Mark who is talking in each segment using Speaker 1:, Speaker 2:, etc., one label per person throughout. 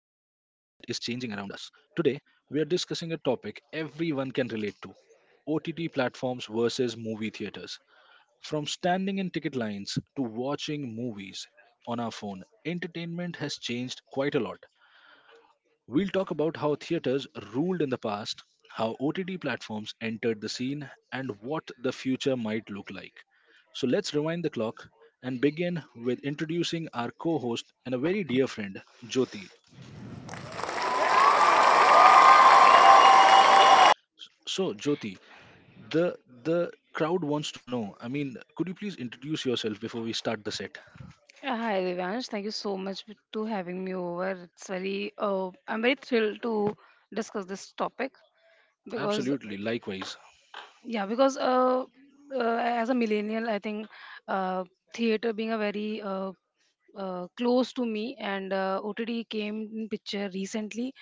Speaker 1: is changing around us. Today, we are discussing a topic everyone can relate to: OTT platforms versus movie theaters. From standing in ticket lines to watching movies on our phone, entertainment has changed quite a lot. We'll talk about how theaters ruled in the past, how OTT platforms entered the scene, and what the future might look like. So let's rewind the clock and begin with introducing our co-host and a very dear friend, Jyoti. So Jyoti, the the crowd wants to know. I mean, could you please introduce yourself before we start the set?
Speaker 2: Hi Devansh, thank you so much to having me over. It's very I'm very thrilled to discuss this topic because
Speaker 1: Absolutely, likewise.
Speaker 2: yeah because uh, as a millennial I think uh theater being a very close to me, and OTT came in picture recently,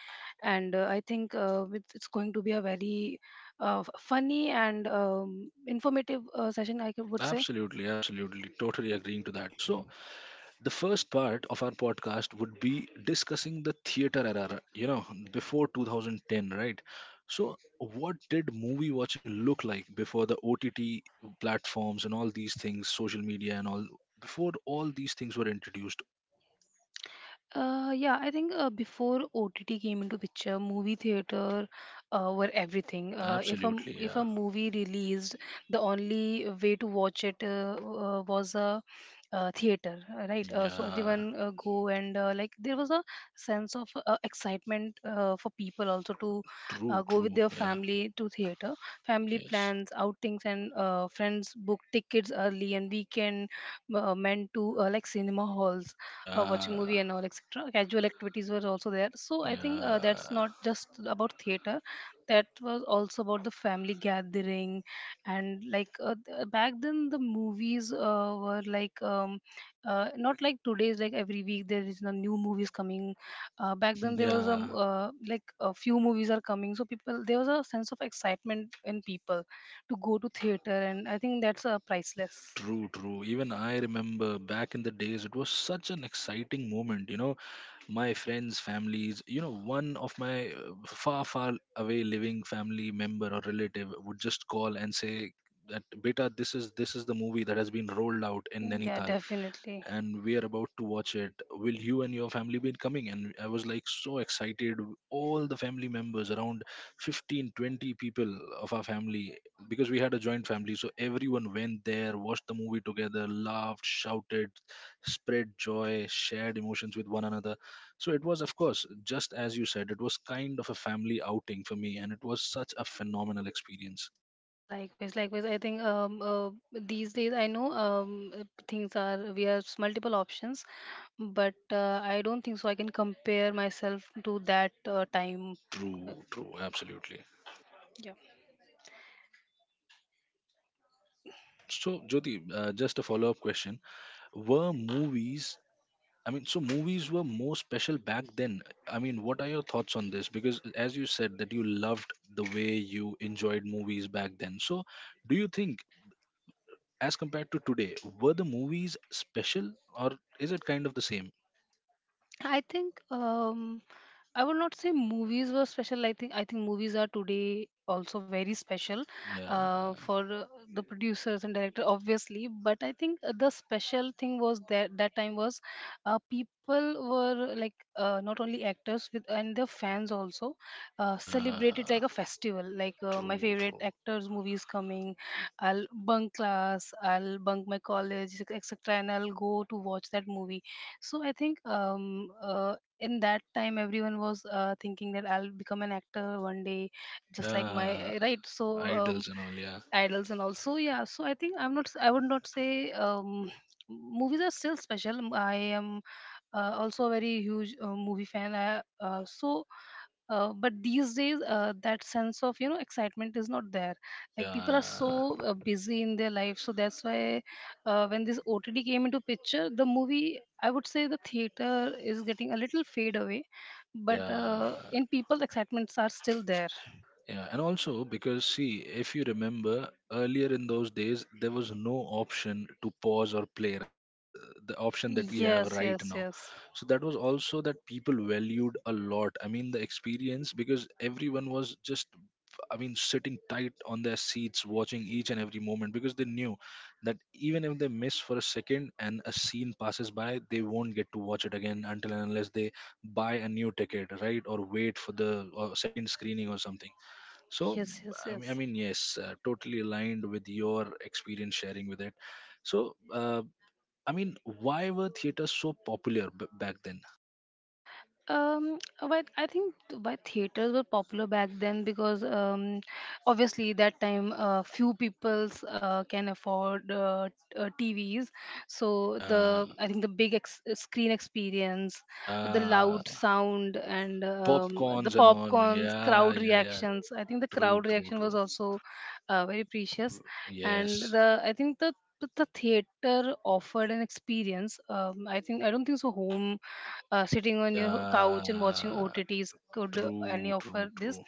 Speaker 2: and I think it's going to be a very funny and informative session would say.
Speaker 1: Absolutely, absolutely. Totally agreeing to that. So the first part of our podcast would be discussing the theater era, you know, before 2010, right? So, what did movie watching look like before the OTT platforms and all these things, social media and all, before all these things were introduced?
Speaker 2: Yeah, I think before OTT came into picture, movie theater were everything. If
Speaker 1: Absolutely,
Speaker 2: if
Speaker 1: yeah.
Speaker 2: a movie released, the only way to watch it was a theater, right? So
Speaker 1: Yeah.
Speaker 2: everyone go, and like there was a sense of excitement for people also to
Speaker 1: True,
Speaker 2: go with
Speaker 1: true.
Speaker 2: their
Speaker 1: Yeah.
Speaker 2: family to theater. Family
Speaker 1: Yes.
Speaker 2: plans, outings, and friends book tickets early, and weekend meant to like cinema halls, watching
Speaker 1: Yeah.
Speaker 2: movie and all etc casual activities were also there. So I think that's
Speaker 1: Yeah.
Speaker 2: not just about theater, that was also about the family gathering. And like back then the movies were like not like today's, like every week there is a new movies coming. Back then there was
Speaker 1: Yeah.
Speaker 2: like a few movies are coming, so people there was a sense of excitement in people to go to theater, and I think that's priceless.
Speaker 1: True, true. Even I remember back in the days, it was such an exciting moment, you know, my friends, families, you know, one of my far far away living family member or relative would just call and say that, beta, this is the movie that has been rolled out in
Speaker 2: Mm, yeah
Speaker 1: Nainital,
Speaker 2: definitely.
Speaker 1: and we are about to watch it. Will you and your family be coming? And I was like so excited. All the family members, around 15, 20 people of our family, because we had a joint family. So everyone went there, watched the movie together, laughed, shouted, spread joy, shared emotions with one another. So it was, of course, just as you said, it was kind of a family outing for me. And it was such a phenomenal experience.
Speaker 2: Yeah, likewise, likewise. I think these days I know things are we have multiple options, but I don't think so. I can compare myself to that time.
Speaker 1: True, true, absolutely. So, Jyoti, just a follow up question. Were movies, I mean, so movies were more special back then. I mean, what are your thoughts on this? Because as you said that you loved the way you enjoyed movies back then, so do you think, as compared to today, were the movies special, or is it kind of the same?
Speaker 2: I think I would not say movies were special. I think movies are today also very special
Speaker 1: Yeah.
Speaker 2: for the producers and director, obviously. But I think the special thing was that that time was people were like not only actors with and their fans also celebrated like
Speaker 1: Yeah.
Speaker 2: a festival. Like my
Speaker 1: True,
Speaker 2: favorite
Speaker 1: true.
Speaker 2: actors' movies coming, I'll bunk class, I'll bunk my college, etc., and I'll go to watch that movie. So I think in that time everyone was thinking that I'll become an actor one day, just like my
Speaker 1: Yeah.
Speaker 2: right. So
Speaker 1: Idols and all, yeah,
Speaker 2: idols and also, yeah. So I think I'm not. I would not say movies are still special. I am also a very huge movie fan, but these days that sense of excitement is not there, like people are
Speaker 1: yeah,
Speaker 2: so busy in their life. So that's why when this OTD came into picture, the movie, I would say the theater is getting a little fade away, but
Speaker 1: yeah.
Speaker 2: in people the excitements are still there.
Speaker 1: Yeah, and also because, see, if you remember earlier in those days, there was no option to pause or play, right? The option that we
Speaker 2: Yes,
Speaker 1: have right
Speaker 2: yes,
Speaker 1: now.
Speaker 2: yes,
Speaker 1: So that was also that people valued a lot. I mean, the experience, because everyone was just, I mean, sitting tight on their seats, watching each and every moment because they knew that even if they miss for a second and a scene passes by, they won't get to watch it again until and unless they buy a new ticket, right? Or wait for the second screening or something. So
Speaker 2: yes, yes, yes,
Speaker 1: I
Speaker 2: yes.
Speaker 1: mean, I mean, yes, totally aligned with your experience sharing with it. So I mean, why were theaters so popular back then?
Speaker 2: Um, but I think why theaters were popular back then, because obviously that time few peoples can afford TVs. So
Speaker 1: Yeah.
Speaker 2: the, I think the big screen experience, the
Speaker 1: Yeah.
Speaker 2: loud sound, and the
Speaker 1: Popcorns and all,
Speaker 2: popcorns,
Speaker 1: yeah,
Speaker 2: crowd
Speaker 1: yeah, yeah.
Speaker 2: reactions. I think the
Speaker 1: True,
Speaker 2: crowd
Speaker 1: true,
Speaker 2: reaction was
Speaker 1: true.
Speaker 2: also very precious, and
Speaker 1: Yes.
Speaker 2: the I think the theater offered an experience. Um, I think I don't think so home, sitting on your couch and watching
Speaker 1: Yeah.
Speaker 2: OTTs could any
Speaker 1: True, true,
Speaker 2: offer this.
Speaker 1: true.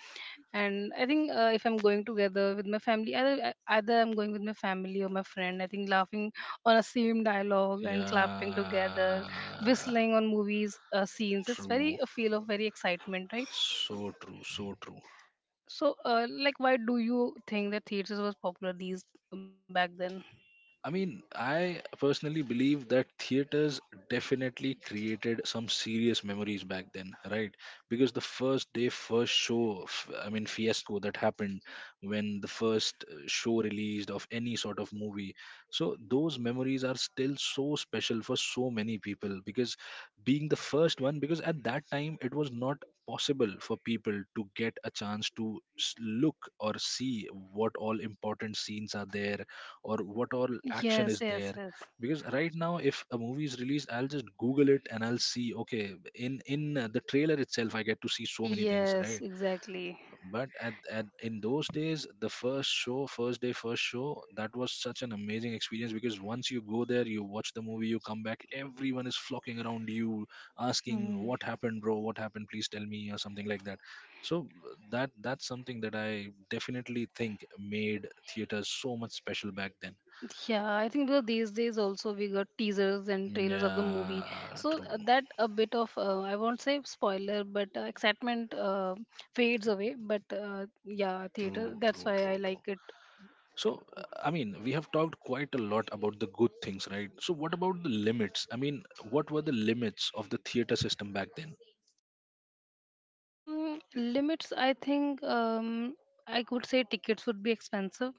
Speaker 2: And I think if I'm going together with my family, either, either I'm going with my family or my friend, I think laughing on a same dialogue and clapping together,
Speaker 1: Yeah.
Speaker 2: whistling on movies scenes, it's very
Speaker 1: True,
Speaker 2: a feel of very excitement, right?
Speaker 1: so true, so true.
Speaker 2: So, like, why do you think that theaters was popular these back then?
Speaker 1: I mean, I personally believe that theaters definitely created some serious memories back then, right? Because the first day, first show, I mean, fiasco that happened when the first show released of any sort of movie. So, those memories are still so special for so many people because, being the first one, because at that time it was not possible for people to get a chance to look or see what all important scenes are there, or what all action
Speaker 2: Yes,
Speaker 1: is
Speaker 2: yes,
Speaker 1: there.
Speaker 2: yes.
Speaker 1: Because right now if a movie is released, I'll just Google it and I'll see, okay, in the trailer itself I get to see so many things,
Speaker 2: Yes,
Speaker 1: right?
Speaker 2: exactly.
Speaker 1: But at in those days, the first show, first day first show, that was such an amazing experience, because once you go there, you watch the movie, you come back, everyone is flocking around you, asking
Speaker 2: Hmm.
Speaker 1: what happened, bro, what happened, please tell me, or something like that. So that, that's something that I definitely think made theaters so much special back then.
Speaker 2: Yeah, I think though these days also we got teasers and trailers of the movie,
Speaker 1: Yeah,
Speaker 2: so
Speaker 1: true,
Speaker 2: that a bit of I won't say spoiler, but excitement fades away. But yeah, theater.
Speaker 1: true,
Speaker 2: That's
Speaker 1: true,
Speaker 2: why I
Speaker 1: true, true.
Speaker 2: like it.
Speaker 1: So, I mean, we have talked quite a lot about the good things, right? So, what about the limits? I mean, what were the limits of the theater system back then?
Speaker 2: Limits, I think I could say tickets would be expensive.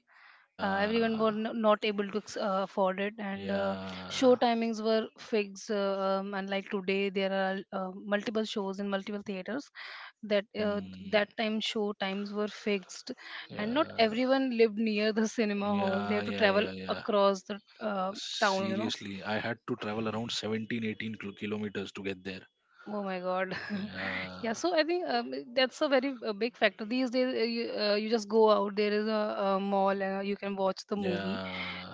Speaker 2: Everyone were
Speaker 1: Yeah,
Speaker 2: not able to afford it, and show
Speaker 1: yeah,
Speaker 2: timings were fixed. And like today, there are multiple shows in multiple theaters. That uh,
Speaker 1: mm,
Speaker 2: that time show times were fixed, and not
Speaker 1: yeah,
Speaker 2: everyone lived near the cinema hall. They
Speaker 1: yeah,
Speaker 2: have to
Speaker 1: yeah,
Speaker 2: travel
Speaker 1: yeah, yeah.
Speaker 2: across the town, you know.
Speaker 1: Seriously, I had to travel around 17, 18 kilometers to get there.
Speaker 2: Oh my God. Yeah,
Speaker 1: Yeah,
Speaker 2: so I think that's a very big factor. These days, you just go out, there is a mall, and you can watch the movie.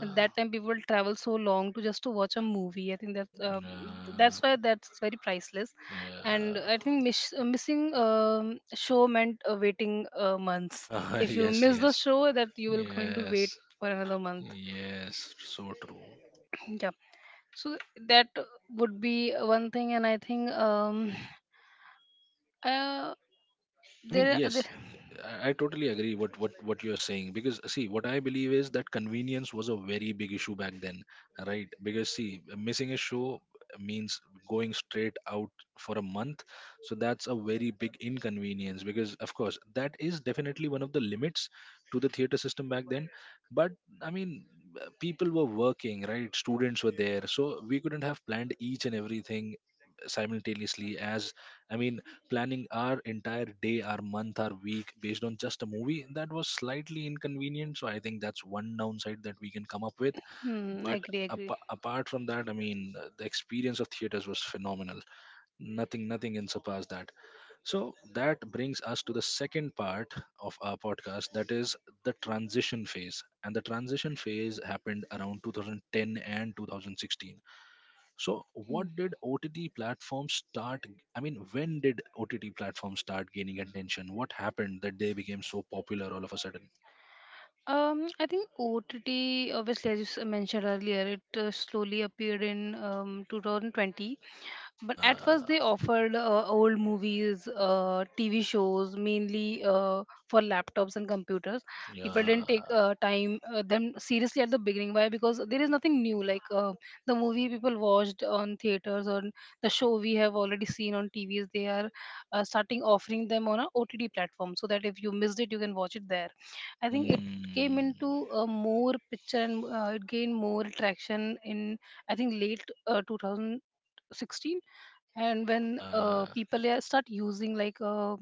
Speaker 2: And that time, people travel so long to just to watch a movie. I think
Speaker 1: yeah,
Speaker 2: that's why that's very priceless. And
Speaker 1: yeah,
Speaker 2: I think missing show meant waiting months.
Speaker 1: yeah,
Speaker 2: If you
Speaker 1: yes,
Speaker 2: miss the
Speaker 1: yes.
Speaker 2: show, that you will going to
Speaker 1: Yes,
Speaker 2: wait for another month.
Speaker 1: yes, so true.
Speaker 2: Yeah, so that would be one thing, and I think uh,
Speaker 1: I mean,
Speaker 2: there there
Speaker 1: yes, I totally agree what you're saying, because, see, what I believe is that convenience was a very big issue back then, right? Because see, missing a show means going straight out for a month, so that's a very big inconvenience, because of course that is definitely one of the limits to the theater system back then. But, I mean, people were working, right? Students were there, so we couldn't have planned each and everything simultaneously as, I mean, planning our entire day, our month, our week based on just a movie. That was slightly inconvenient. So I think that's one downside that we can come up with.
Speaker 2: Hmm,
Speaker 1: But
Speaker 2: agree, agree.
Speaker 1: apart from that, I mean, the experience of theaters was phenomenal. Nothing, nothing can surpass that. So that brings us to the second part of our podcast, that is the transition phase. And the transition phase happened around 2010 and 2016. So, what did OTT platforms start? I mean, when did OTT platforms start gaining attention? What happened that they became so popular all of a sudden?
Speaker 2: I think OTT, obviously, as you mentioned earlier, it slowly appeared in 2020. But at first,
Speaker 1: Yeah,
Speaker 2: they offered old movies, TV shows, mainly for laptops and computers. People didn't take
Speaker 1: yeah,
Speaker 2: time them seriously at the beginning. Why? Because there is nothing new. Like the movie people watched on theaters, or the show we have already seen on TVs, they are starting offering them on a OTT platform so that if you missed it, you can watch it there. I think came
Speaker 1: mm,
Speaker 2: into a more picture, and it gained more traction in, I think, late 2016, and when
Speaker 1: yeah,
Speaker 2: people start using like uh,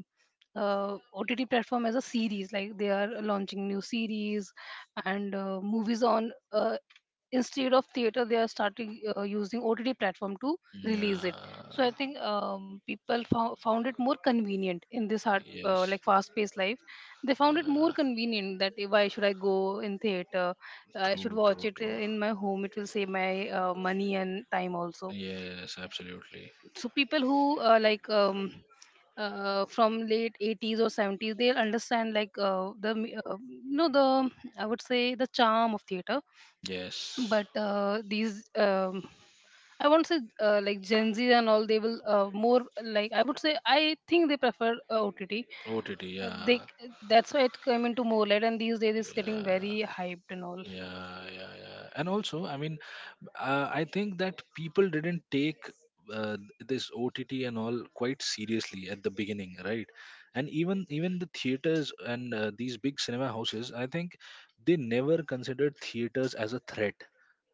Speaker 2: uh, OTT platform as a series, like they are launching new series and movies on instead of theater, they are starting using OTT platform to release it. So
Speaker 1: yeah,
Speaker 2: I think people found it more convenient in this hard,
Speaker 1: yes,
Speaker 2: like fast-paced life. They found it more
Speaker 1: yeah,
Speaker 2: convenient that eh, why should I go in theater? I should
Speaker 1: true,
Speaker 2: watch
Speaker 1: true,
Speaker 2: it
Speaker 1: true.
Speaker 2: eh, in my home. It will save my money and time also.
Speaker 1: Yes, absolutely.
Speaker 2: So people who like from late 80s or 70s, they'll understand like you know, the, I would say, the charm of theater.
Speaker 1: Yes,
Speaker 2: But these I won't say like Gen Z and all, they will more like, I would say, I think they prefer OTT.
Speaker 1: OTT,
Speaker 2: They
Speaker 1: yeah,
Speaker 2: That's why it came into more light, and these days it's getting
Speaker 1: yeah.
Speaker 2: very hyped and all.
Speaker 1: Yeah, yeah, yeah. And also, I mean, I think that people didn't take uh, this OTT and all quite seriously at the beginning, right? And even even the theaters and these big cinema houses, I think they never considered theaters as a threat.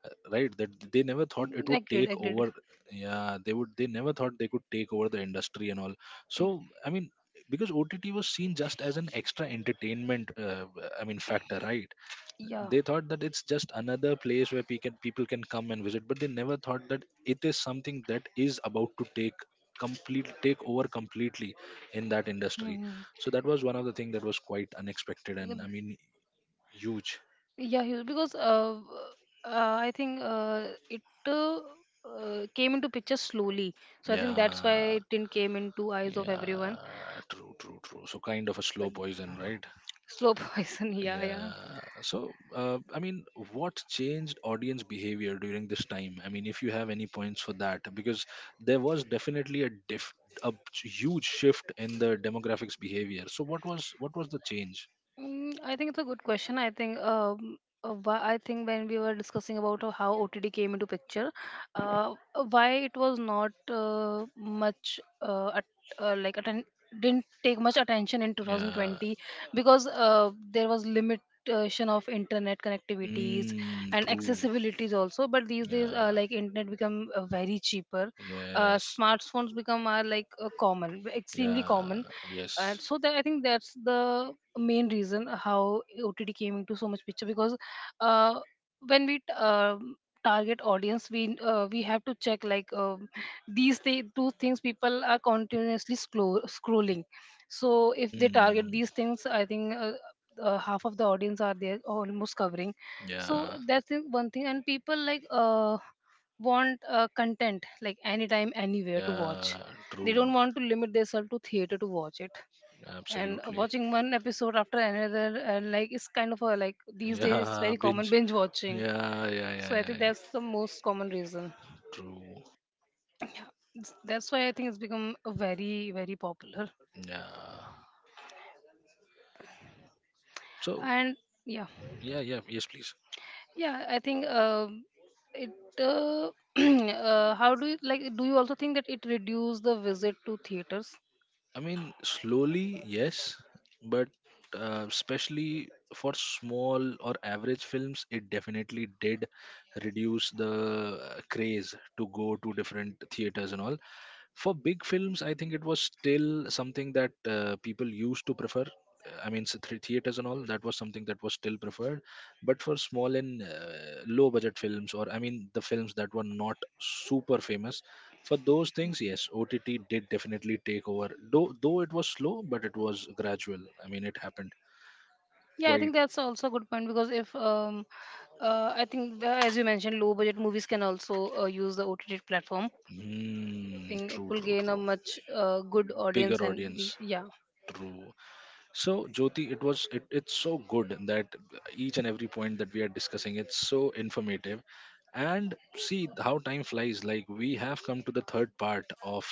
Speaker 1: Right, that they never thought it
Speaker 2: Mm,
Speaker 1: would
Speaker 2: agreed,
Speaker 1: take
Speaker 2: agreed.
Speaker 1: over. Yeah, they would, they never thought they could take over the industry and all.
Speaker 2: Uh,
Speaker 1: So I mean, because OTT was seen just as an extra entertainment, I mean, factor, right?
Speaker 2: yeah.
Speaker 1: They thought that it's just another place where people can come and visit, but they never thought that it is something that is about to take over completely in that industry.
Speaker 2: Mhm.
Speaker 1: So that was one of the thing that was quite unexpected and, I mean, huge.
Speaker 2: Yeah, because I think it came into picture slowly, so I think that's why
Speaker 1: Yeah.
Speaker 2: it didn't came into eyes of everyone.
Speaker 1: Yeah, true, true, true. So kind of a
Speaker 2: But
Speaker 1: slow poison, right?
Speaker 2: slow poison, yeah, yeah.
Speaker 1: Yeah. So, I mean, what changed audience behavior during this time? I mean, if you have any points for that, because there was definitely a huge shift in the demographics behavior. So, what was, what was the change?
Speaker 2: Mm, I think it's a good question. I think I think when we were discussing about how OTT came into picture, why it was not much at, like atten- didn't take much attention in
Speaker 1: Yeah.
Speaker 2: 2020, because there was limitation of internet connectivities
Speaker 1: Hmm.
Speaker 2: and
Speaker 1: True.
Speaker 2: accessibilities also. But these days
Speaker 1: Yeah.
Speaker 2: like internet become very cheaper,
Speaker 1: Yes.
Speaker 2: smartphones become are like common, extremely
Speaker 1: Yeah.
Speaker 2: common. And
Speaker 1: Yes.
Speaker 2: so that I think that's the main reason how OTT came into so much picture. Because uh, when we target audience, we have to check like two things people are continuously scrolling. So if they target
Speaker 1: Hmm.
Speaker 2: these things, I think. Half of the audience are there, almost covering. So
Speaker 1: Yeah.
Speaker 2: that's the one thing, and people like want content like anytime, anywhere to watch.
Speaker 1: Yeah.
Speaker 2: They don't
Speaker 1: True.
Speaker 2: want to limit themselves to theater to watch it. And
Speaker 1: Absolutely.
Speaker 2: watching one episode after another, and like it's kind of a, like these days it's
Speaker 1: Yeah,
Speaker 2: very common,
Speaker 1: binge.
Speaker 2: binge watching.
Speaker 1: Yeah, yeah,
Speaker 2: So
Speaker 1: yeah,
Speaker 2: I
Speaker 1: yeah,
Speaker 2: think
Speaker 1: yeah.
Speaker 2: that's the most common reason.
Speaker 1: True.
Speaker 2: That's why I think it's become a very very popular.
Speaker 1: Yeah. So,
Speaker 2: And yeah,
Speaker 1: yeah, yeah, yes, please.
Speaker 2: yeah, I think it uh, how do you like, do you also think that it reduced the visit to theaters?
Speaker 1: I mean, slowly, yes, but especially for small or average films, it definitely did reduce the craze to go to different theaters and all. For big films, I think it was still something that people used to prefer. I mean, three theaters and all, that was something that was still preferred. But for small and low budget films, or I mean, the films that were not super famous, for those things, yes, OTT did definitely take over. Though it was slow, but it was gradual, I mean, it happened
Speaker 2: Yeah, I
Speaker 1: quite.
Speaker 2: think that's also a good point, because if I think as you mentioned, low budget movies can also use the OTT platform,
Speaker 1: Mm,
Speaker 2: think it
Speaker 1: true,
Speaker 2: will
Speaker 1: true,
Speaker 2: gain a
Speaker 1: true.
Speaker 2: much good
Speaker 1: Bigger
Speaker 2: audience and
Speaker 1: audience,
Speaker 2: reach. Yeah.
Speaker 1: true. So Jyoti, it was, it, it's so good that each and every point that we are discussing, it's so informative. And see how time flies. Like, we have come to the third part of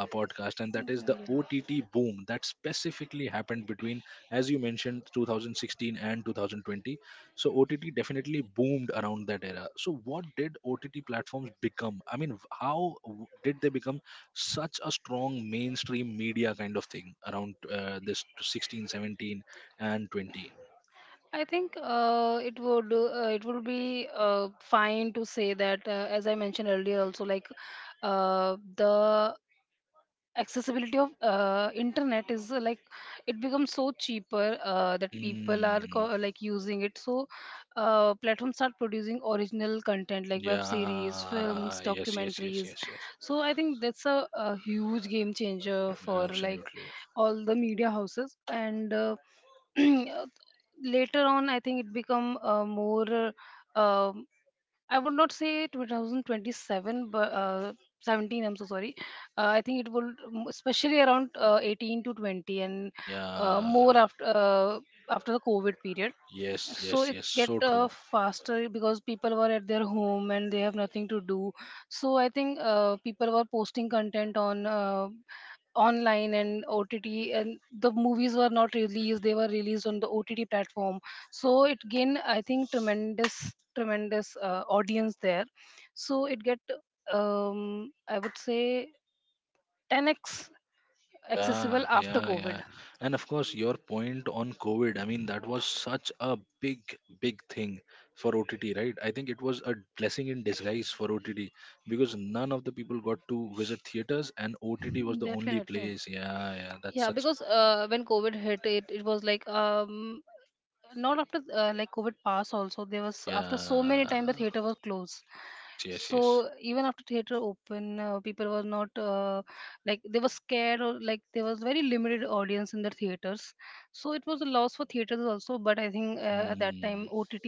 Speaker 1: our podcast, and that is the
Speaker 2: Mhm, yeah.
Speaker 1: OTT boom that specifically happened between, as you mentioned, 2016 and 2020. So OTT definitely boomed around that era. So what did OTT platforms become? I mean, how did they become such a strong mainstream media kind of thing around this 16, 17, and 20?
Speaker 2: I think, it would be fine to say that, as I mentioned earlier also, like, the accessibility of internet is, like it becomes so cheaper, that people are
Speaker 1: Mm,
Speaker 2: like using it, so, platforms start producing original content like web series, films,
Speaker 1: yeah. Yes. Yes. Yes.
Speaker 2: documentaries.
Speaker 1: Yes. Yes.
Speaker 2: So I think that's a huge game changer for, like,
Speaker 1: Absolutely.
Speaker 2: all the media houses, and later on I think it become more, uh, I would not say 2027, but 17. I'm so sorry. I think it will, especially around 18 to 20, and
Speaker 1: Yeah.
Speaker 2: more after after the COVID period.
Speaker 1: Yes,
Speaker 2: So
Speaker 1: yes,
Speaker 2: it
Speaker 1: yes.
Speaker 2: get
Speaker 1: So true.
Speaker 2: faster because people were at their home and they have nothing to do. So I think people were posting content on, online and OTT, and the movies were not released. They were released on the OTT platform, so it gained, I think, tremendous tremendous audience there. So it get I would say 10x
Speaker 1: Yeah,
Speaker 2: accessible after
Speaker 1: yeah, yeah.
Speaker 2: covid.
Speaker 1: And of course, your point on COVID, I mean, that was such a big, big thing for OTT, right? I think it was a blessing in disguise for OTT, because none of the people got to visit theaters and OTT was the only
Speaker 2: Definitely.
Speaker 1: place. Yeah, yeah. That's
Speaker 2: Yeah,
Speaker 1: such.
Speaker 2: because when covid hit, it was like, not after, like covid pass also there was after so many
Speaker 1: Yeah.
Speaker 2: time the theater was closed.
Speaker 1: Yes, yes, yes.
Speaker 2: So even after theater open, people were not, like they were scared, or like there was very limited audience in the theaters. So it was a loss for theaters also, but I think at that
Speaker 1: Hmm.
Speaker 2: time OTT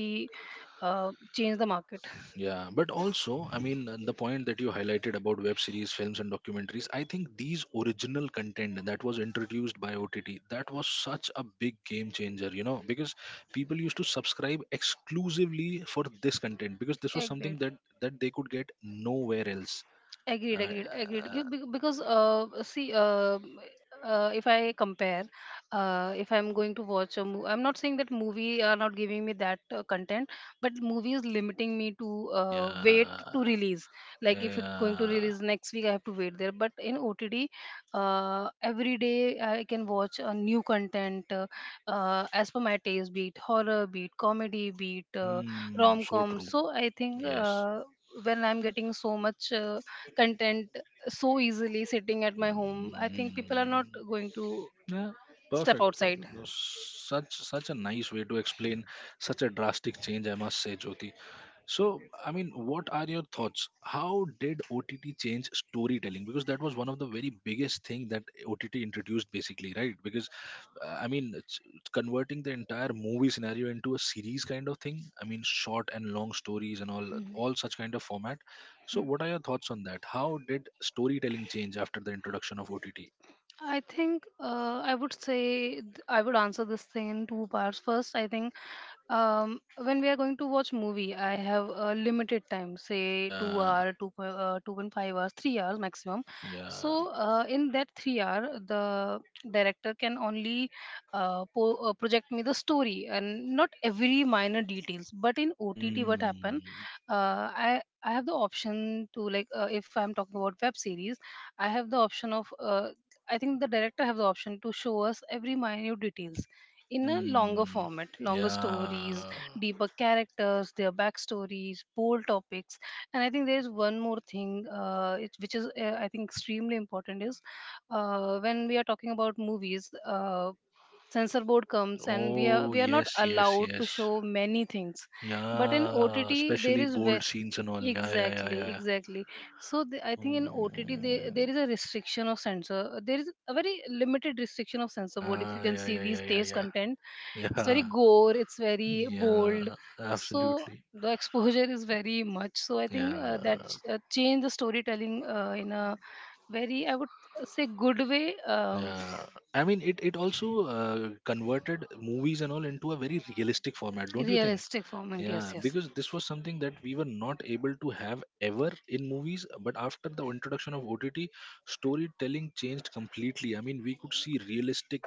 Speaker 2: changed the market.
Speaker 1: Yeah, but also, I mean, the point that you highlighted about web series, films, and documentaries, I think these original content that was introduced by OTT, that was such a big game changer, because people used to subscribe exclusively for this content because this was something
Speaker 2: Agree.
Speaker 1: that they could get nowhere else.
Speaker 2: Agreed,
Speaker 1: Uh,
Speaker 2: agreed, agreed.
Speaker 1: uh,
Speaker 2: Because see, if I compare, if I'm going to watch a movie, I'm not saying that movie are not giving me that content, but movie is limiting me to, wait to
Speaker 1: yeah,
Speaker 2: release. Like, if it's going to
Speaker 1: yeah,
Speaker 2: release next week, I have to wait there, but in otd every day I can watch a new content, as per my taste, be it horror, be it comedy, be it
Speaker 1: mm, so
Speaker 2: rom-com.
Speaker 1: true.
Speaker 2: So I think
Speaker 1: Yes.
Speaker 2: when I'm getting so much content so easily sitting at my home, I think people are not
Speaker 1: Mm.
Speaker 2: going to
Speaker 1: Yeah,
Speaker 2: step
Speaker 1: perfect.
Speaker 2: outside.
Speaker 1: Perfect. No, Such a nice way to explain such a drastic change, I must say, Jyoti. So, I mean, what are your thoughts? How did OTT change storytelling? Because that was one of the very biggest thing that OTT introduced, basically, right? Because I mean, it's converting the entire movie scenario into a series kind of thing. I mean, short and long stories and all such kind of format. So, what are your thoughts on that? How did storytelling change after the introduction of OTT?
Speaker 2: I think, I would answer this thing in two parts. First, I think, when we are going to watch movie, I have a limited time, say two
Speaker 1: Yeah,
Speaker 2: hour, 2.5 hours, 3 hours maximum.
Speaker 1: yeah.
Speaker 2: So in that 3 hour, the director can only project me the story and not every minor details. But in OTT, what happened?
Speaker 1: Mm,
Speaker 2: I have the option to, like, if I'm talking about web series, I have the option of, I think the director have the option to show us every minute details in a longer
Speaker 1: mm,
Speaker 2: format, longer stories,
Speaker 1: yeah.
Speaker 2: deeper characters, their backstories, bold topics. And I think there is one more thing, which is, I think, extremely important is when we are talking about movies. Censor board comes and we are
Speaker 1: Oh,
Speaker 2: we are not
Speaker 1: yes, yes,
Speaker 2: allowed to
Speaker 1: yes.
Speaker 2: show many things, but in OTT
Speaker 1: Yeah,
Speaker 2: there
Speaker 1: especially
Speaker 2: is
Speaker 1: bold scenes and all. Yeah, yeah, yeah,
Speaker 2: exactly,
Speaker 1: yeah,
Speaker 2: exactly. So, I
Speaker 1: yeah.
Speaker 2: think in OTT there,
Speaker 1: Mm,
Speaker 2: there is a restriction of censor, there is a very limited restriction of censor board if you
Speaker 1: yeah,
Speaker 2: can
Speaker 1: yeah,
Speaker 2: see
Speaker 1: yeah, yeah,
Speaker 2: these
Speaker 1: yeah,
Speaker 2: taste
Speaker 1: yeah.
Speaker 2: content. It's very
Speaker 1: Yeah,
Speaker 2: gore, it's very bold,
Speaker 1: yeah,
Speaker 2: so
Speaker 1: absolutely.
Speaker 2: the exposure is very much. So I think that
Speaker 1: Yeah,
Speaker 2: changed the storytelling, in a very, I would say, good way. um,
Speaker 1: yeah. I mean, it also converted movies and all into a very realistic format, don't you think?
Speaker 2: Realistic format, yes,
Speaker 1: Yeah,
Speaker 2: yes.
Speaker 1: because this was something that we were not able to have ever in movies. But after the introduction of OTT, storytelling changed completely. I mean, we could see realistic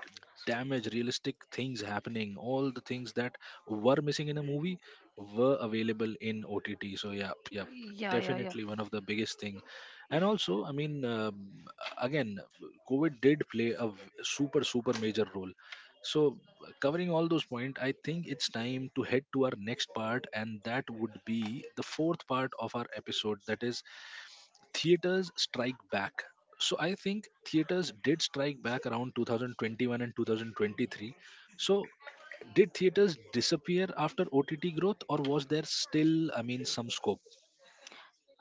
Speaker 1: damage, realistic things happening. All the things that were missing in a movie were available in OTT. So, yeah, yeah,
Speaker 2: Yeah, yeah, yeah.
Speaker 1: definitely one of the biggest thing. And also, I mean, again, COVID did play a super, super major role. So, covering all those points, I think it's time to head to our next part, and that would be the fourth part of our episode that is theaters strike back. So I think theaters did strike back around 2021 and 2023. So did theaters disappear after OTT growth? Or was there still, I mean, some scope?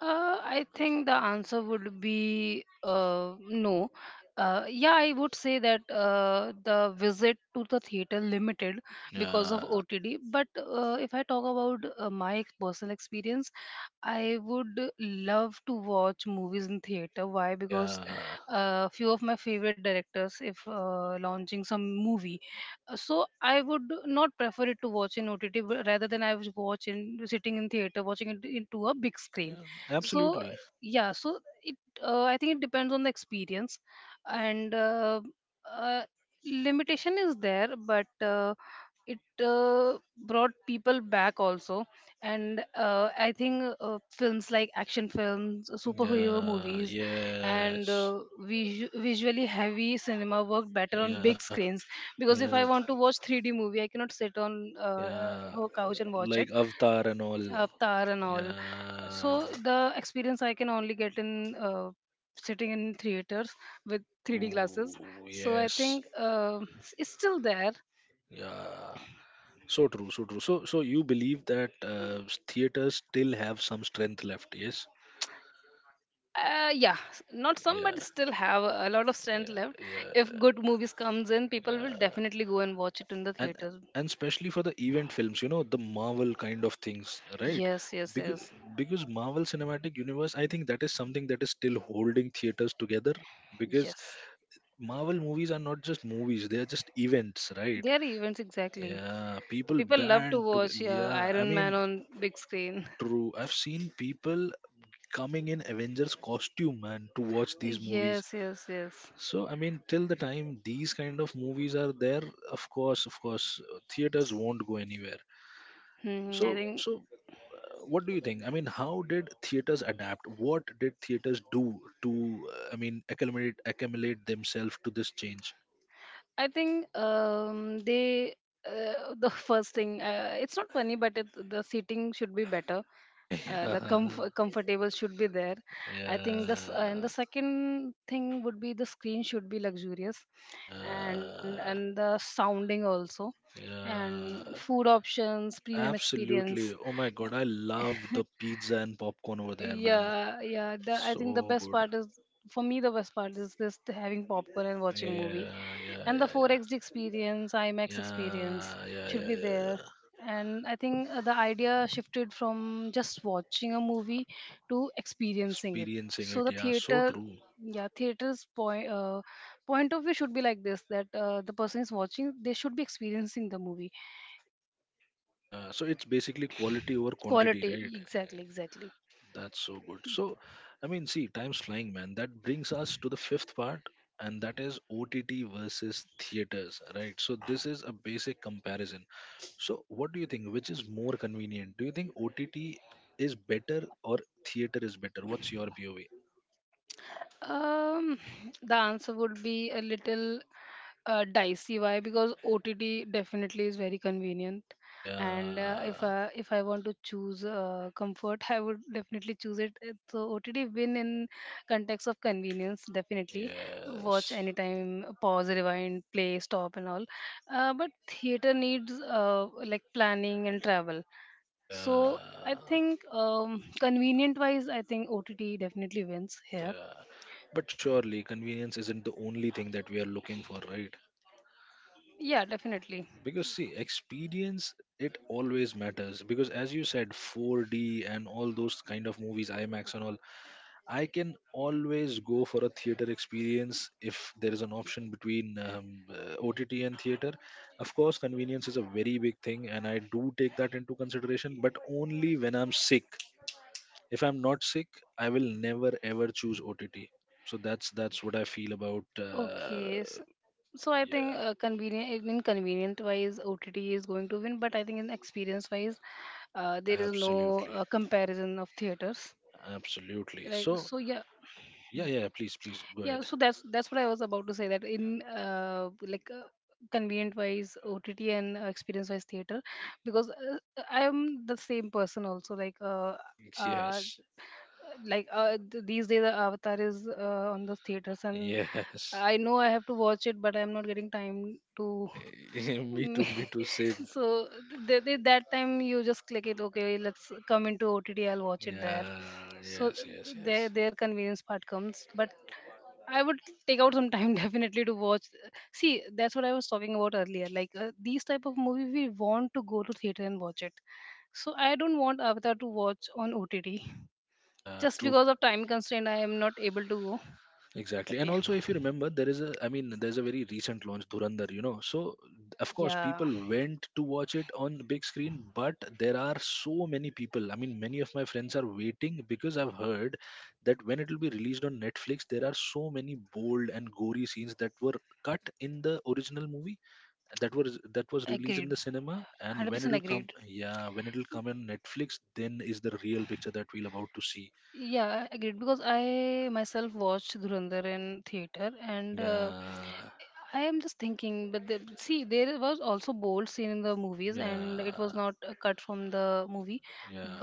Speaker 2: I think the answer would be, no. Yeah, I would say that the visit to the theater limited because of
Speaker 1: Yeah,
Speaker 2: OTD. But if I talk about, my personal experience, I would love to watch movies in theater. Why? Because
Speaker 1: yeah.
Speaker 2: a, few of my favorite directors, if launching some movie, so I would not prefer it to watch in OTT, but rather than I was watch in, sitting in theater, watching it into a big
Speaker 1: Ah,
Speaker 2: screen.
Speaker 1: yeah,
Speaker 2: So
Speaker 1: absolutely.
Speaker 2: yeah, so it, I think it depends on the experience, and, uh, limitation is there, but, it brought people back also. And I think films like action films, superhero
Speaker 1: Yeah,
Speaker 2: movies, and
Speaker 1: yes.
Speaker 2: visually heavy cinema worked better on big
Speaker 1: Yeah,
Speaker 2: screens. Because if
Speaker 1: yeah,
Speaker 2: I want to watch 3D movie, I cannot sit on,
Speaker 1: yeah,
Speaker 2: her couch and watch it.
Speaker 1: like Avatar and all.
Speaker 2: Avatar and all. So
Speaker 1: Yeah,
Speaker 2: the experience I can only get in, uh, sitting in theaters with 3D
Speaker 1: true.
Speaker 2: glasses. So I
Speaker 1: Yes.
Speaker 2: think it's still there.
Speaker 1: Yeah. So true. So true. So you believe that theaters still have some strength left? Yes.
Speaker 2: Yeah, not some
Speaker 1: Yeah.
Speaker 2: but still have a lot of strength
Speaker 1: Yeah.
Speaker 2: left. If
Speaker 1: Yeah.
Speaker 2: good movies comes in, people will
Speaker 1: Yeah.
Speaker 2: definitely go and watch it in the
Speaker 1: And
Speaker 2: theaters.
Speaker 1: and especially for the event films, the Marvel kind of things, right?
Speaker 2: Yes, yes,
Speaker 1: Because
Speaker 2: yes.
Speaker 1: because Marvel Cinematic Universe, I think that is something that is still holding theaters together because
Speaker 2: Yes,
Speaker 1: Marvel movies are not just movies; they are just events, right?
Speaker 2: there are events, exactly.
Speaker 1: Yeah, people
Speaker 2: People love to
Speaker 1: band together.
Speaker 2: watch
Speaker 1: Yeah, I
Speaker 2: Iron Man
Speaker 1: mean,
Speaker 2: on big screen.
Speaker 1: true. I've seen people coming in Avengers costume, man, to watch these movies.
Speaker 2: Yes, yes, yes.
Speaker 1: So, I mean, till the time these kind of movies are there, of course, theaters won't go anywhere.
Speaker 2: Hmm. I
Speaker 1: So,
Speaker 2: think,
Speaker 1: so uh, what do you think? I mean, how did theaters adapt? What did theaters do to, I mean, acclimate accumulate themselves to this change?
Speaker 2: they, the first thing, it's not funny, but the seating should be better. The comfortable should be there. I think this, and the
Speaker 1: Yeah,
Speaker 2: second thing would be the screen should be luxurious,
Speaker 1: yeah,
Speaker 2: and
Speaker 1: yeah,
Speaker 2: the sounding also, and
Speaker 1: yeah.
Speaker 2: food options, premium experience.
Speaker 1: Absolutely. Oh my god, I love the pizza and popcorn over there, man.
Speaker 2: Yeah, yeah. The, I think the
Speaker 1: So
Speaker 2: best
Speaker 1: good.
Speaker 2: part is For me the best part is this, having popcorn and watching movie,
Speaker 1: Yeah, yeah,
Speaker 2: and the
Speaker 1: yeah, yeah.
Speaker 2: 4XD experience, imax experience
Speaker 1: Yeah, yeah, yeah,
Speaker 2: should be
Speaker 1: yeah,
Speaker 2: there.
Speaker 1: yeah.
Speaker 2: And I think the idea shifted from just watching a movie to experiencing it.
Speaker 1: Experiencing
Speaker 2: So,
Speaker 1: it,
Speaker 2: the
Speaker 1: yeah, so
Speaker 2: theater
Speaker 1: true.
Speaker 2: yeah, theater's point of view should be like this, that the person is watching, they should be experiencing the movie.
Speaker 1: Yeah, so it's basically quality over quantity,
Speaker 2: Quality,
Speaker 1: right?
Speaker 2: exactly, exactly.
Speaker 1: That's so good. So, I mean, see, time's flying, man. That brings us to the fifth part, and that is OTT versus theaters, right? So, this is a basic comparison. So, what do you think? Which is more convenient? Do you think OTT is better or theater is better? What's your POV?
Speaker 2: Um, the answer would be a little, dicey. Why? Because OTT definitely is very convenient, and if
Speaker 1: Yeah,
Speaker 2: uh, if I want to choose comfort, I would definitely choose it. So OTT win in context of convenience, definitely. Watch
Speaker 1: yes,
Speaker 2: anytime, pause, rewind, play, stop, and all. But theater needs, like, planning and travel. So I
Speaker 1: yeah,
Speaker 2: think, convenient wise, I think OTT definitely wins here.
Speaker 1: yeah. But surely convenience isn't the only thing that we are looking for, right?
Speaker 2: Yeah, definitely.
Speaker 1: Because, see, experience, it always matters because as you said 4D and all those kind of movies, IMAX and all, I can always go for a theater experience if there is an option between OTT and theater. Of course convenience is a very big thing and I do take that into consideration, but only when I'm sick. If I'm not sick, I will never ever choose OTT. So that's what I feel about
Speaker 2: Okay. So I think,
Speaker 1: yeah,
Speaker 2: convenient wise OTT is going to win, but I think in experience wise, there is no
Speaker 1: absolutely,
Speaker 2: comparison of theaters.
Speaker 1: absolutely.
Speaker 2: Right.
Speaker 1: So,
Speaker 2: So yeah,
Speaker 1: yeah, yeah, yeah, please, please go
Speaker 2: yeah.
Speaker 1: ahead.
Speaker 2: So that's what I was about to say. That in, convenient wise OTT, and experience wise theater, because I am the same person also. Like, uh,
Speaker 1: Yes,
Speaker 2: these days the avatar is on the theaters, and
Speaker 1: yes.
Speaker 2: I know I have to watch it but I'm not getting time to.
Speaker 1: Me too, same.
Speaker 2: So that time you just click it, okay, let's come into OTT, I'll watch it there.
Speaker 1: Yeah,
Speaker 2: So
Speaker 1: yes, yes,
Speaker 2: their
Speaker 1: yes.
Speaker 2: their convenience part comes, but I would take out some time, definitely, to watch. See, that's what I was talking about earlier, like these type of movie we want to go to theater and watch it. So I don't want avatar to watch on OTT
Speaker 1: Yeah,
Speaker 2: just
Speaker 1: true.
Speaker 2: because of time constraint I am not able to go.
Speaker 1: Exactly. And
Speaker 2: But yeah,
Speaker 1: also, if you remember, I mean, there's a very recent launch, Durandar. So, of course,
Speaker 2: yeah,
Speaker 1: people went to watch it on the big screen, but there are so many people. I mean, many of my friends are waiting because I've heard that when it will be released on Netflix, there are so many bold and gory scenes that were cut in the original movie that was released in
Speaker 2: agreed,
Speaker 1: the cinema. And when
Speaker 2: 100%
Speaker 1: it'll come,
Speaker 2: agreed,
Speaker 1: yeah, when it'll come in Netflix, then is the real picture that we'll about to see.
Speaker 2: yeah, agreed. Because I myself watched Dhurandhar in theater, and
Speaker 1: Yeah,
Speaker 2: I am just thinking, but, see there was also bold scene in the movies and it was
Speaker 1: yeah,
Speaker 2: not cut from the movie,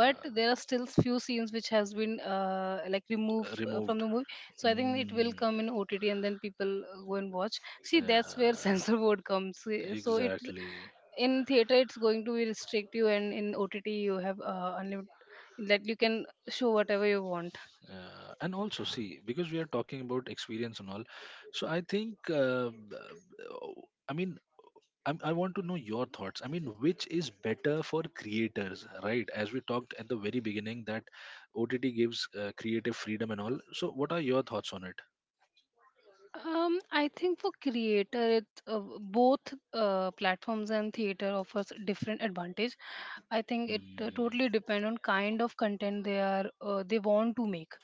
Speaker 2: but there are still few scenes which has been like, removed from
Speaker 1: Removed.
Speaker 2: the movie. So I think it will
Speaker 1: Mm,
Speaker 2: come in OTT and then people go and watch. See, that's where
Speaker 1: yeah,
Speaker 2: censor board comes. So it
Speaker 1: exactly.
Speaker 2: In theater it's going to be restrict you, and in OTT you have unlimited, that you can show whatever you want.
Speaker 1: Yeah. And also see because we are talking about experience and all, so I think I mean, I want to know your thoughts. I mean, which is better for creators, right? As we talked at the very beginning, that OTT gives creative freedom and all. So, what are your thoughts on it?
Speaker 2: um I think for creator it both platforms and theater offers different advantage. I think it
Speaker 1: Mm,
Speaker 2: totally depend on kind of content they want to make.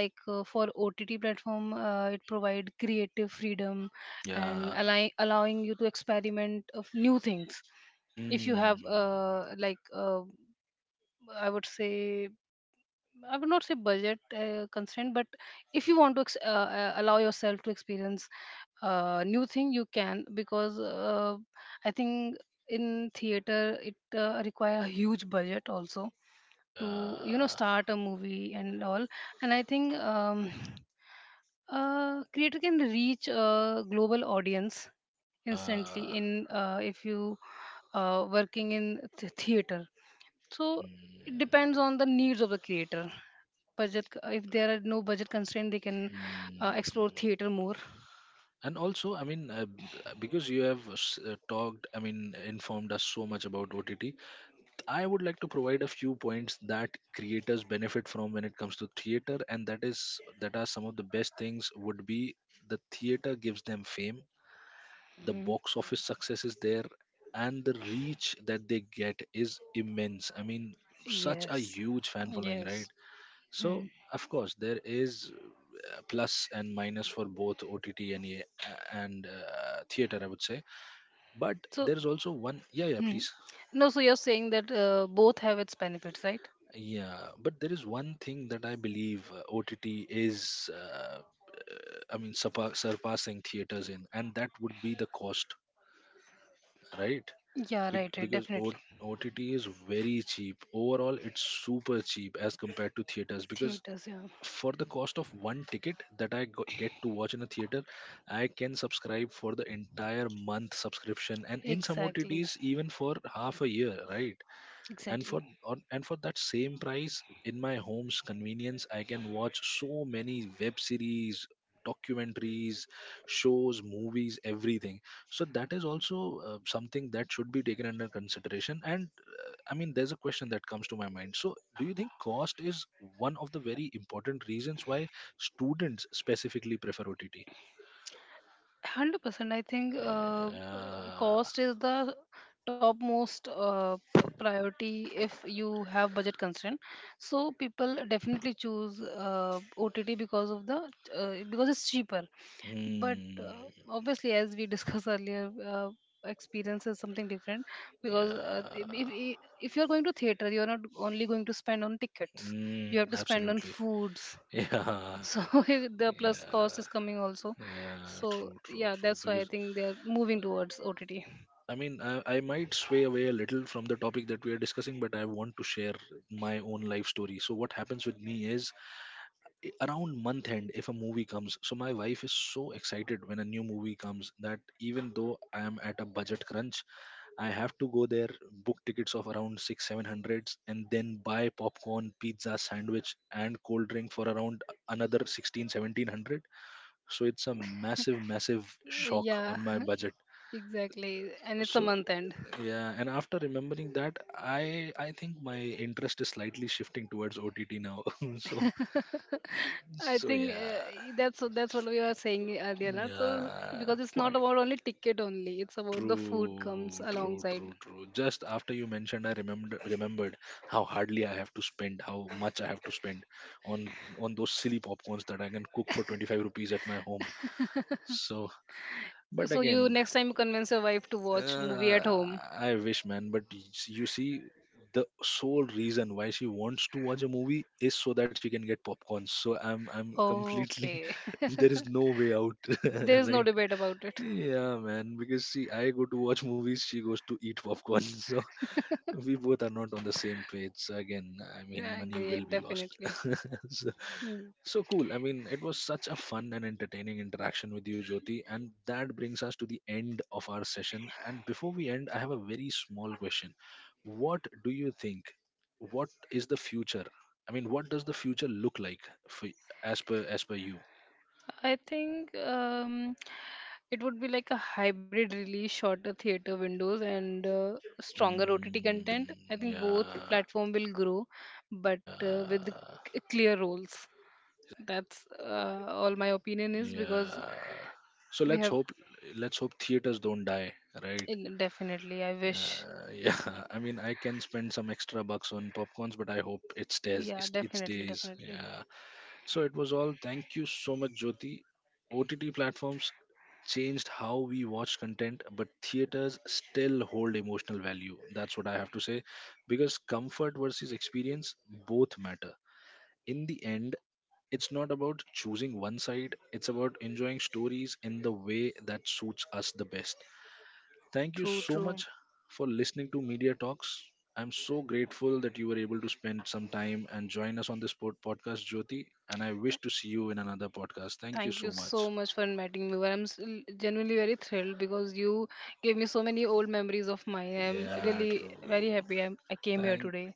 Speaker 2: Like, for OTT platform it provide creative freedom and
Speaker 1: yeah.
Speaker 2: allowing you to experiment of new things. If you
Speaker 1: Mm,
Speaker 2: have, I would say I would not say budget constraint, but if you want to allow yourself to experience new thing, you can, because I think in theater it require a huge budget also to, you know,
Speaker 1: yeah.
Speaker 2: start a movie and all. And I think, creator can reach a global audience instantly,
Speaker 1: Yeah.
Speaker 2: in if you working in theater. So it depends
Speaker 1: Mm,
Speaker 2: on the needs of the creator, budget. If there are no budget constraint, they can explore
Speaker 1: mm.
Speaker 2: theater more.
Speaker 1: And also, I mean, because you have talked, I mean, informed us so much about OTT, I would like to provide a few points that creators benefit from when it comes to theater, and that is that are some of the best things would be the theater gives them fame, the
Speaker 2: Hmm,
Speaker 1: box office success is there, and the reach that they get is immense. I mean, such a
Speaker 2: yes,
Speaker 1: huge fan following, right?
Speaker 2: yes. Hmm.
Speaker 1: So of course there is plus and minus for both OTT and theater, I would say. But
Speaker 2: So.
Speaker 1: there is also one. Yeah, yeah.
Speaker 2: Hmm.
Speaker 1: Please.
Speaker 2: No, so you're saying that both have its benefits, right?
Speaker 1: Yeah, but there is one thing that I believe OTT is, I mean, surpassing theaters in, and that would be the cost, right?
Speaker 2: Yeah,
Speaker 1: Be-
Speaker 2: right, right,
Speaker 1: because o-
Speaker 2: definitely.
Speaker 1: OTT is very cheap. Overall, it's super cheap as compared to theaters because
Speaker 2: Theaters, yeah.
Speaker 1: for the cost of one ticket that I get to watch in a theater, I can subscribe for the entire month subscription, and in some
Speaker 2: Exactly,
Speaker 1: OTTs, even for half a year, right? and for
Speaker 2: exactly.
Speaker 1: on, and for that same price in my home's convenience, I can watch so many web series, documentaries, shows, movies, everything. So that is also something that should be taken under consideration. And I mean, there's a question that comes to my mind, so do you think cost is one of the very important reasons why students specifically prefer OTT?
Speaker 2: 100% I think
Speaker 1: Yeah.
Speaker 2: cost is the topmost priority if you have budget constraint. So people definitely choose OTT because of the because it's cheaper. But
Speaker 1: Mm,
Speaker 2: obviously, as we discussed earlier, experience is something different. Because if,
Speaker 1: yeah.
Speaker 2: if if you're going to theater, you're not only going to spend on tickets,
Speaker 1: Mm,
Speaker 2: you have to spend on
Speaker 1: absolutely.
Speaker 2: foods.
Speaker 1: Yeah.
Speaker 2: So, the plus cost
Speaker 1: Yeah,
Speaker 2: is coming also.
Speaker 1: yeah,
Speaker 2: So
Speaker 1: true, true,
Speaker 2: yeah,
Speaker 1: true.
Speaker 2: that's why I
Speaker 1: Because
Speaker 2: think they're moving towards OTT.
Speaker 1: I mean, I might sway away a little from the topic that we are discussing, but I want to share my own life story. So, what happens with me is, around month end, if a movie comes, so my wife is so excited when a new movie comes that even though I am at a budget crunch, I have to go there, book tickets of around six, seven hundreds, and then buy popcorn, pizza, sandwich, and cold drink for around another sixteen, 1,700. So it's a massive, massive shock
Speaker 2: Yeah,
Speaker 1: on my budget.
Speaker 2: exactly, and it's a
Speaker 1: So
Speaker 2: month end.
Speaker 1: yeah, and after remembering that, I think my interest is slightly shifting towards OTT now. So,
Speaker 2: I
Speaker 1: so
Speaker 2: think
Speaker 1: yeah,
Speaker 2: that's what we were saying earlier, na? So,
Speaker 1: yeah,
Speaker 2: because it's not
Speaker 1: quite
Speaker 2: about only ticket, only it's about the food comes
Speaker 1: true, true,
Speaker 2: alongside.
Speaker 1: true, true. Just after you mentioned, I remembered how hardly I have to spend, how much I have to spend on on those silly popcorns that I can cook for 25 rupees at my home. So, but
Speaker 2: So you
Speaker 1: again,
Speaker 2: next time you convince your wife to watch movie at
Speaker 1: Uh,
Speaker 2: home.
Speaker 1: I wish, man. But you see, the sole reason why she wants to watch a movie is so that she can get popcorn. So I'm completely.
Speaker 2: Okay.
Speaker 1: there is no way out,
Speaker 2: There is no
Speaker 1: right?
Speaker 2: debate about it.
Speaker 1: Yeah, man. Because see, I go to watch movies. She goes to eat popcorn. So we both are not on the same page. So again, I
Speaker 2: I
Speaker 1: mean, money
Speaker 2: agree,
Speaker 1: will be lost.
Speaker 2: definitely. Hmm.
Speaker 1: So cool. I mean, it was such a fun and entertaining interaction with you, Jyoti. And that brings us to the end of our session. And before we end, I have a very small question. What do you think? What is the future? I mean, what does the future look like for as per you?
Speaker 2: I think, it would be like a hybrid release, shorter theater windows, and stronger OTT
Speaker 1: Mm,
Speaker 2: content. I think both
Speaker 1: yeah,
Speaker 2: platform will grow, but with the
Speaker 1: yeah,
Speaker 2: clear roles. That's all my opinion is because
Speaker 1: yeah. So
Speaker 2: we
Speaker 1: let's
Speaker 2: have
Speaker 1: hope let's hope theaters don't die, right?
Speaker 2: in, definitely. I wish.
Speaker 1: Yeah, I mean, I can spend some extra bucks on popcorns, but I hope it stays.
Speaker 2: Yeah,
Speaker 1: It
Speaker 2: definitely,
Speaker 1: stays.
Speaker 2: definitely.
Speaker 1: Yeah. So it was all. Thank you so much, Jyoti. OTT platforms changed how we watch content, but theaters still hold emotional value. That's what I have to say, because comfort versus experience, both matter. In the end, it's not about choosing one side. It's about enjoying stories in the way that suits us the best. Thank you
Speaker 2: True,
Speaker 1: so
Speaker 2: true.
Speaker 1: much for listening to Media Talks. I'm so grateful that you were able to spend some time and join us on this podcast, Jyoti. And I wish to see you in another podcast. Thank you
Speaker 2: Thank
Speaker 1: so
Speaker 2: you
Speaker 1: much.
Speaker 2: so much for inviting me over. I'm genuinely very thrilled because you gave me so many old memories of mine. I'm
Speaker 1: Yeah,
Speaker 2: really
Speaker 1: true.
Speaker 2: very happy, I came here
Speaker 1: Thank,
Speaker 2: today.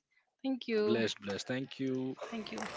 Speaker 2: Thank you.
Speaker 1: blessed, blessed. Thank you.
Speaker 2: Thank you.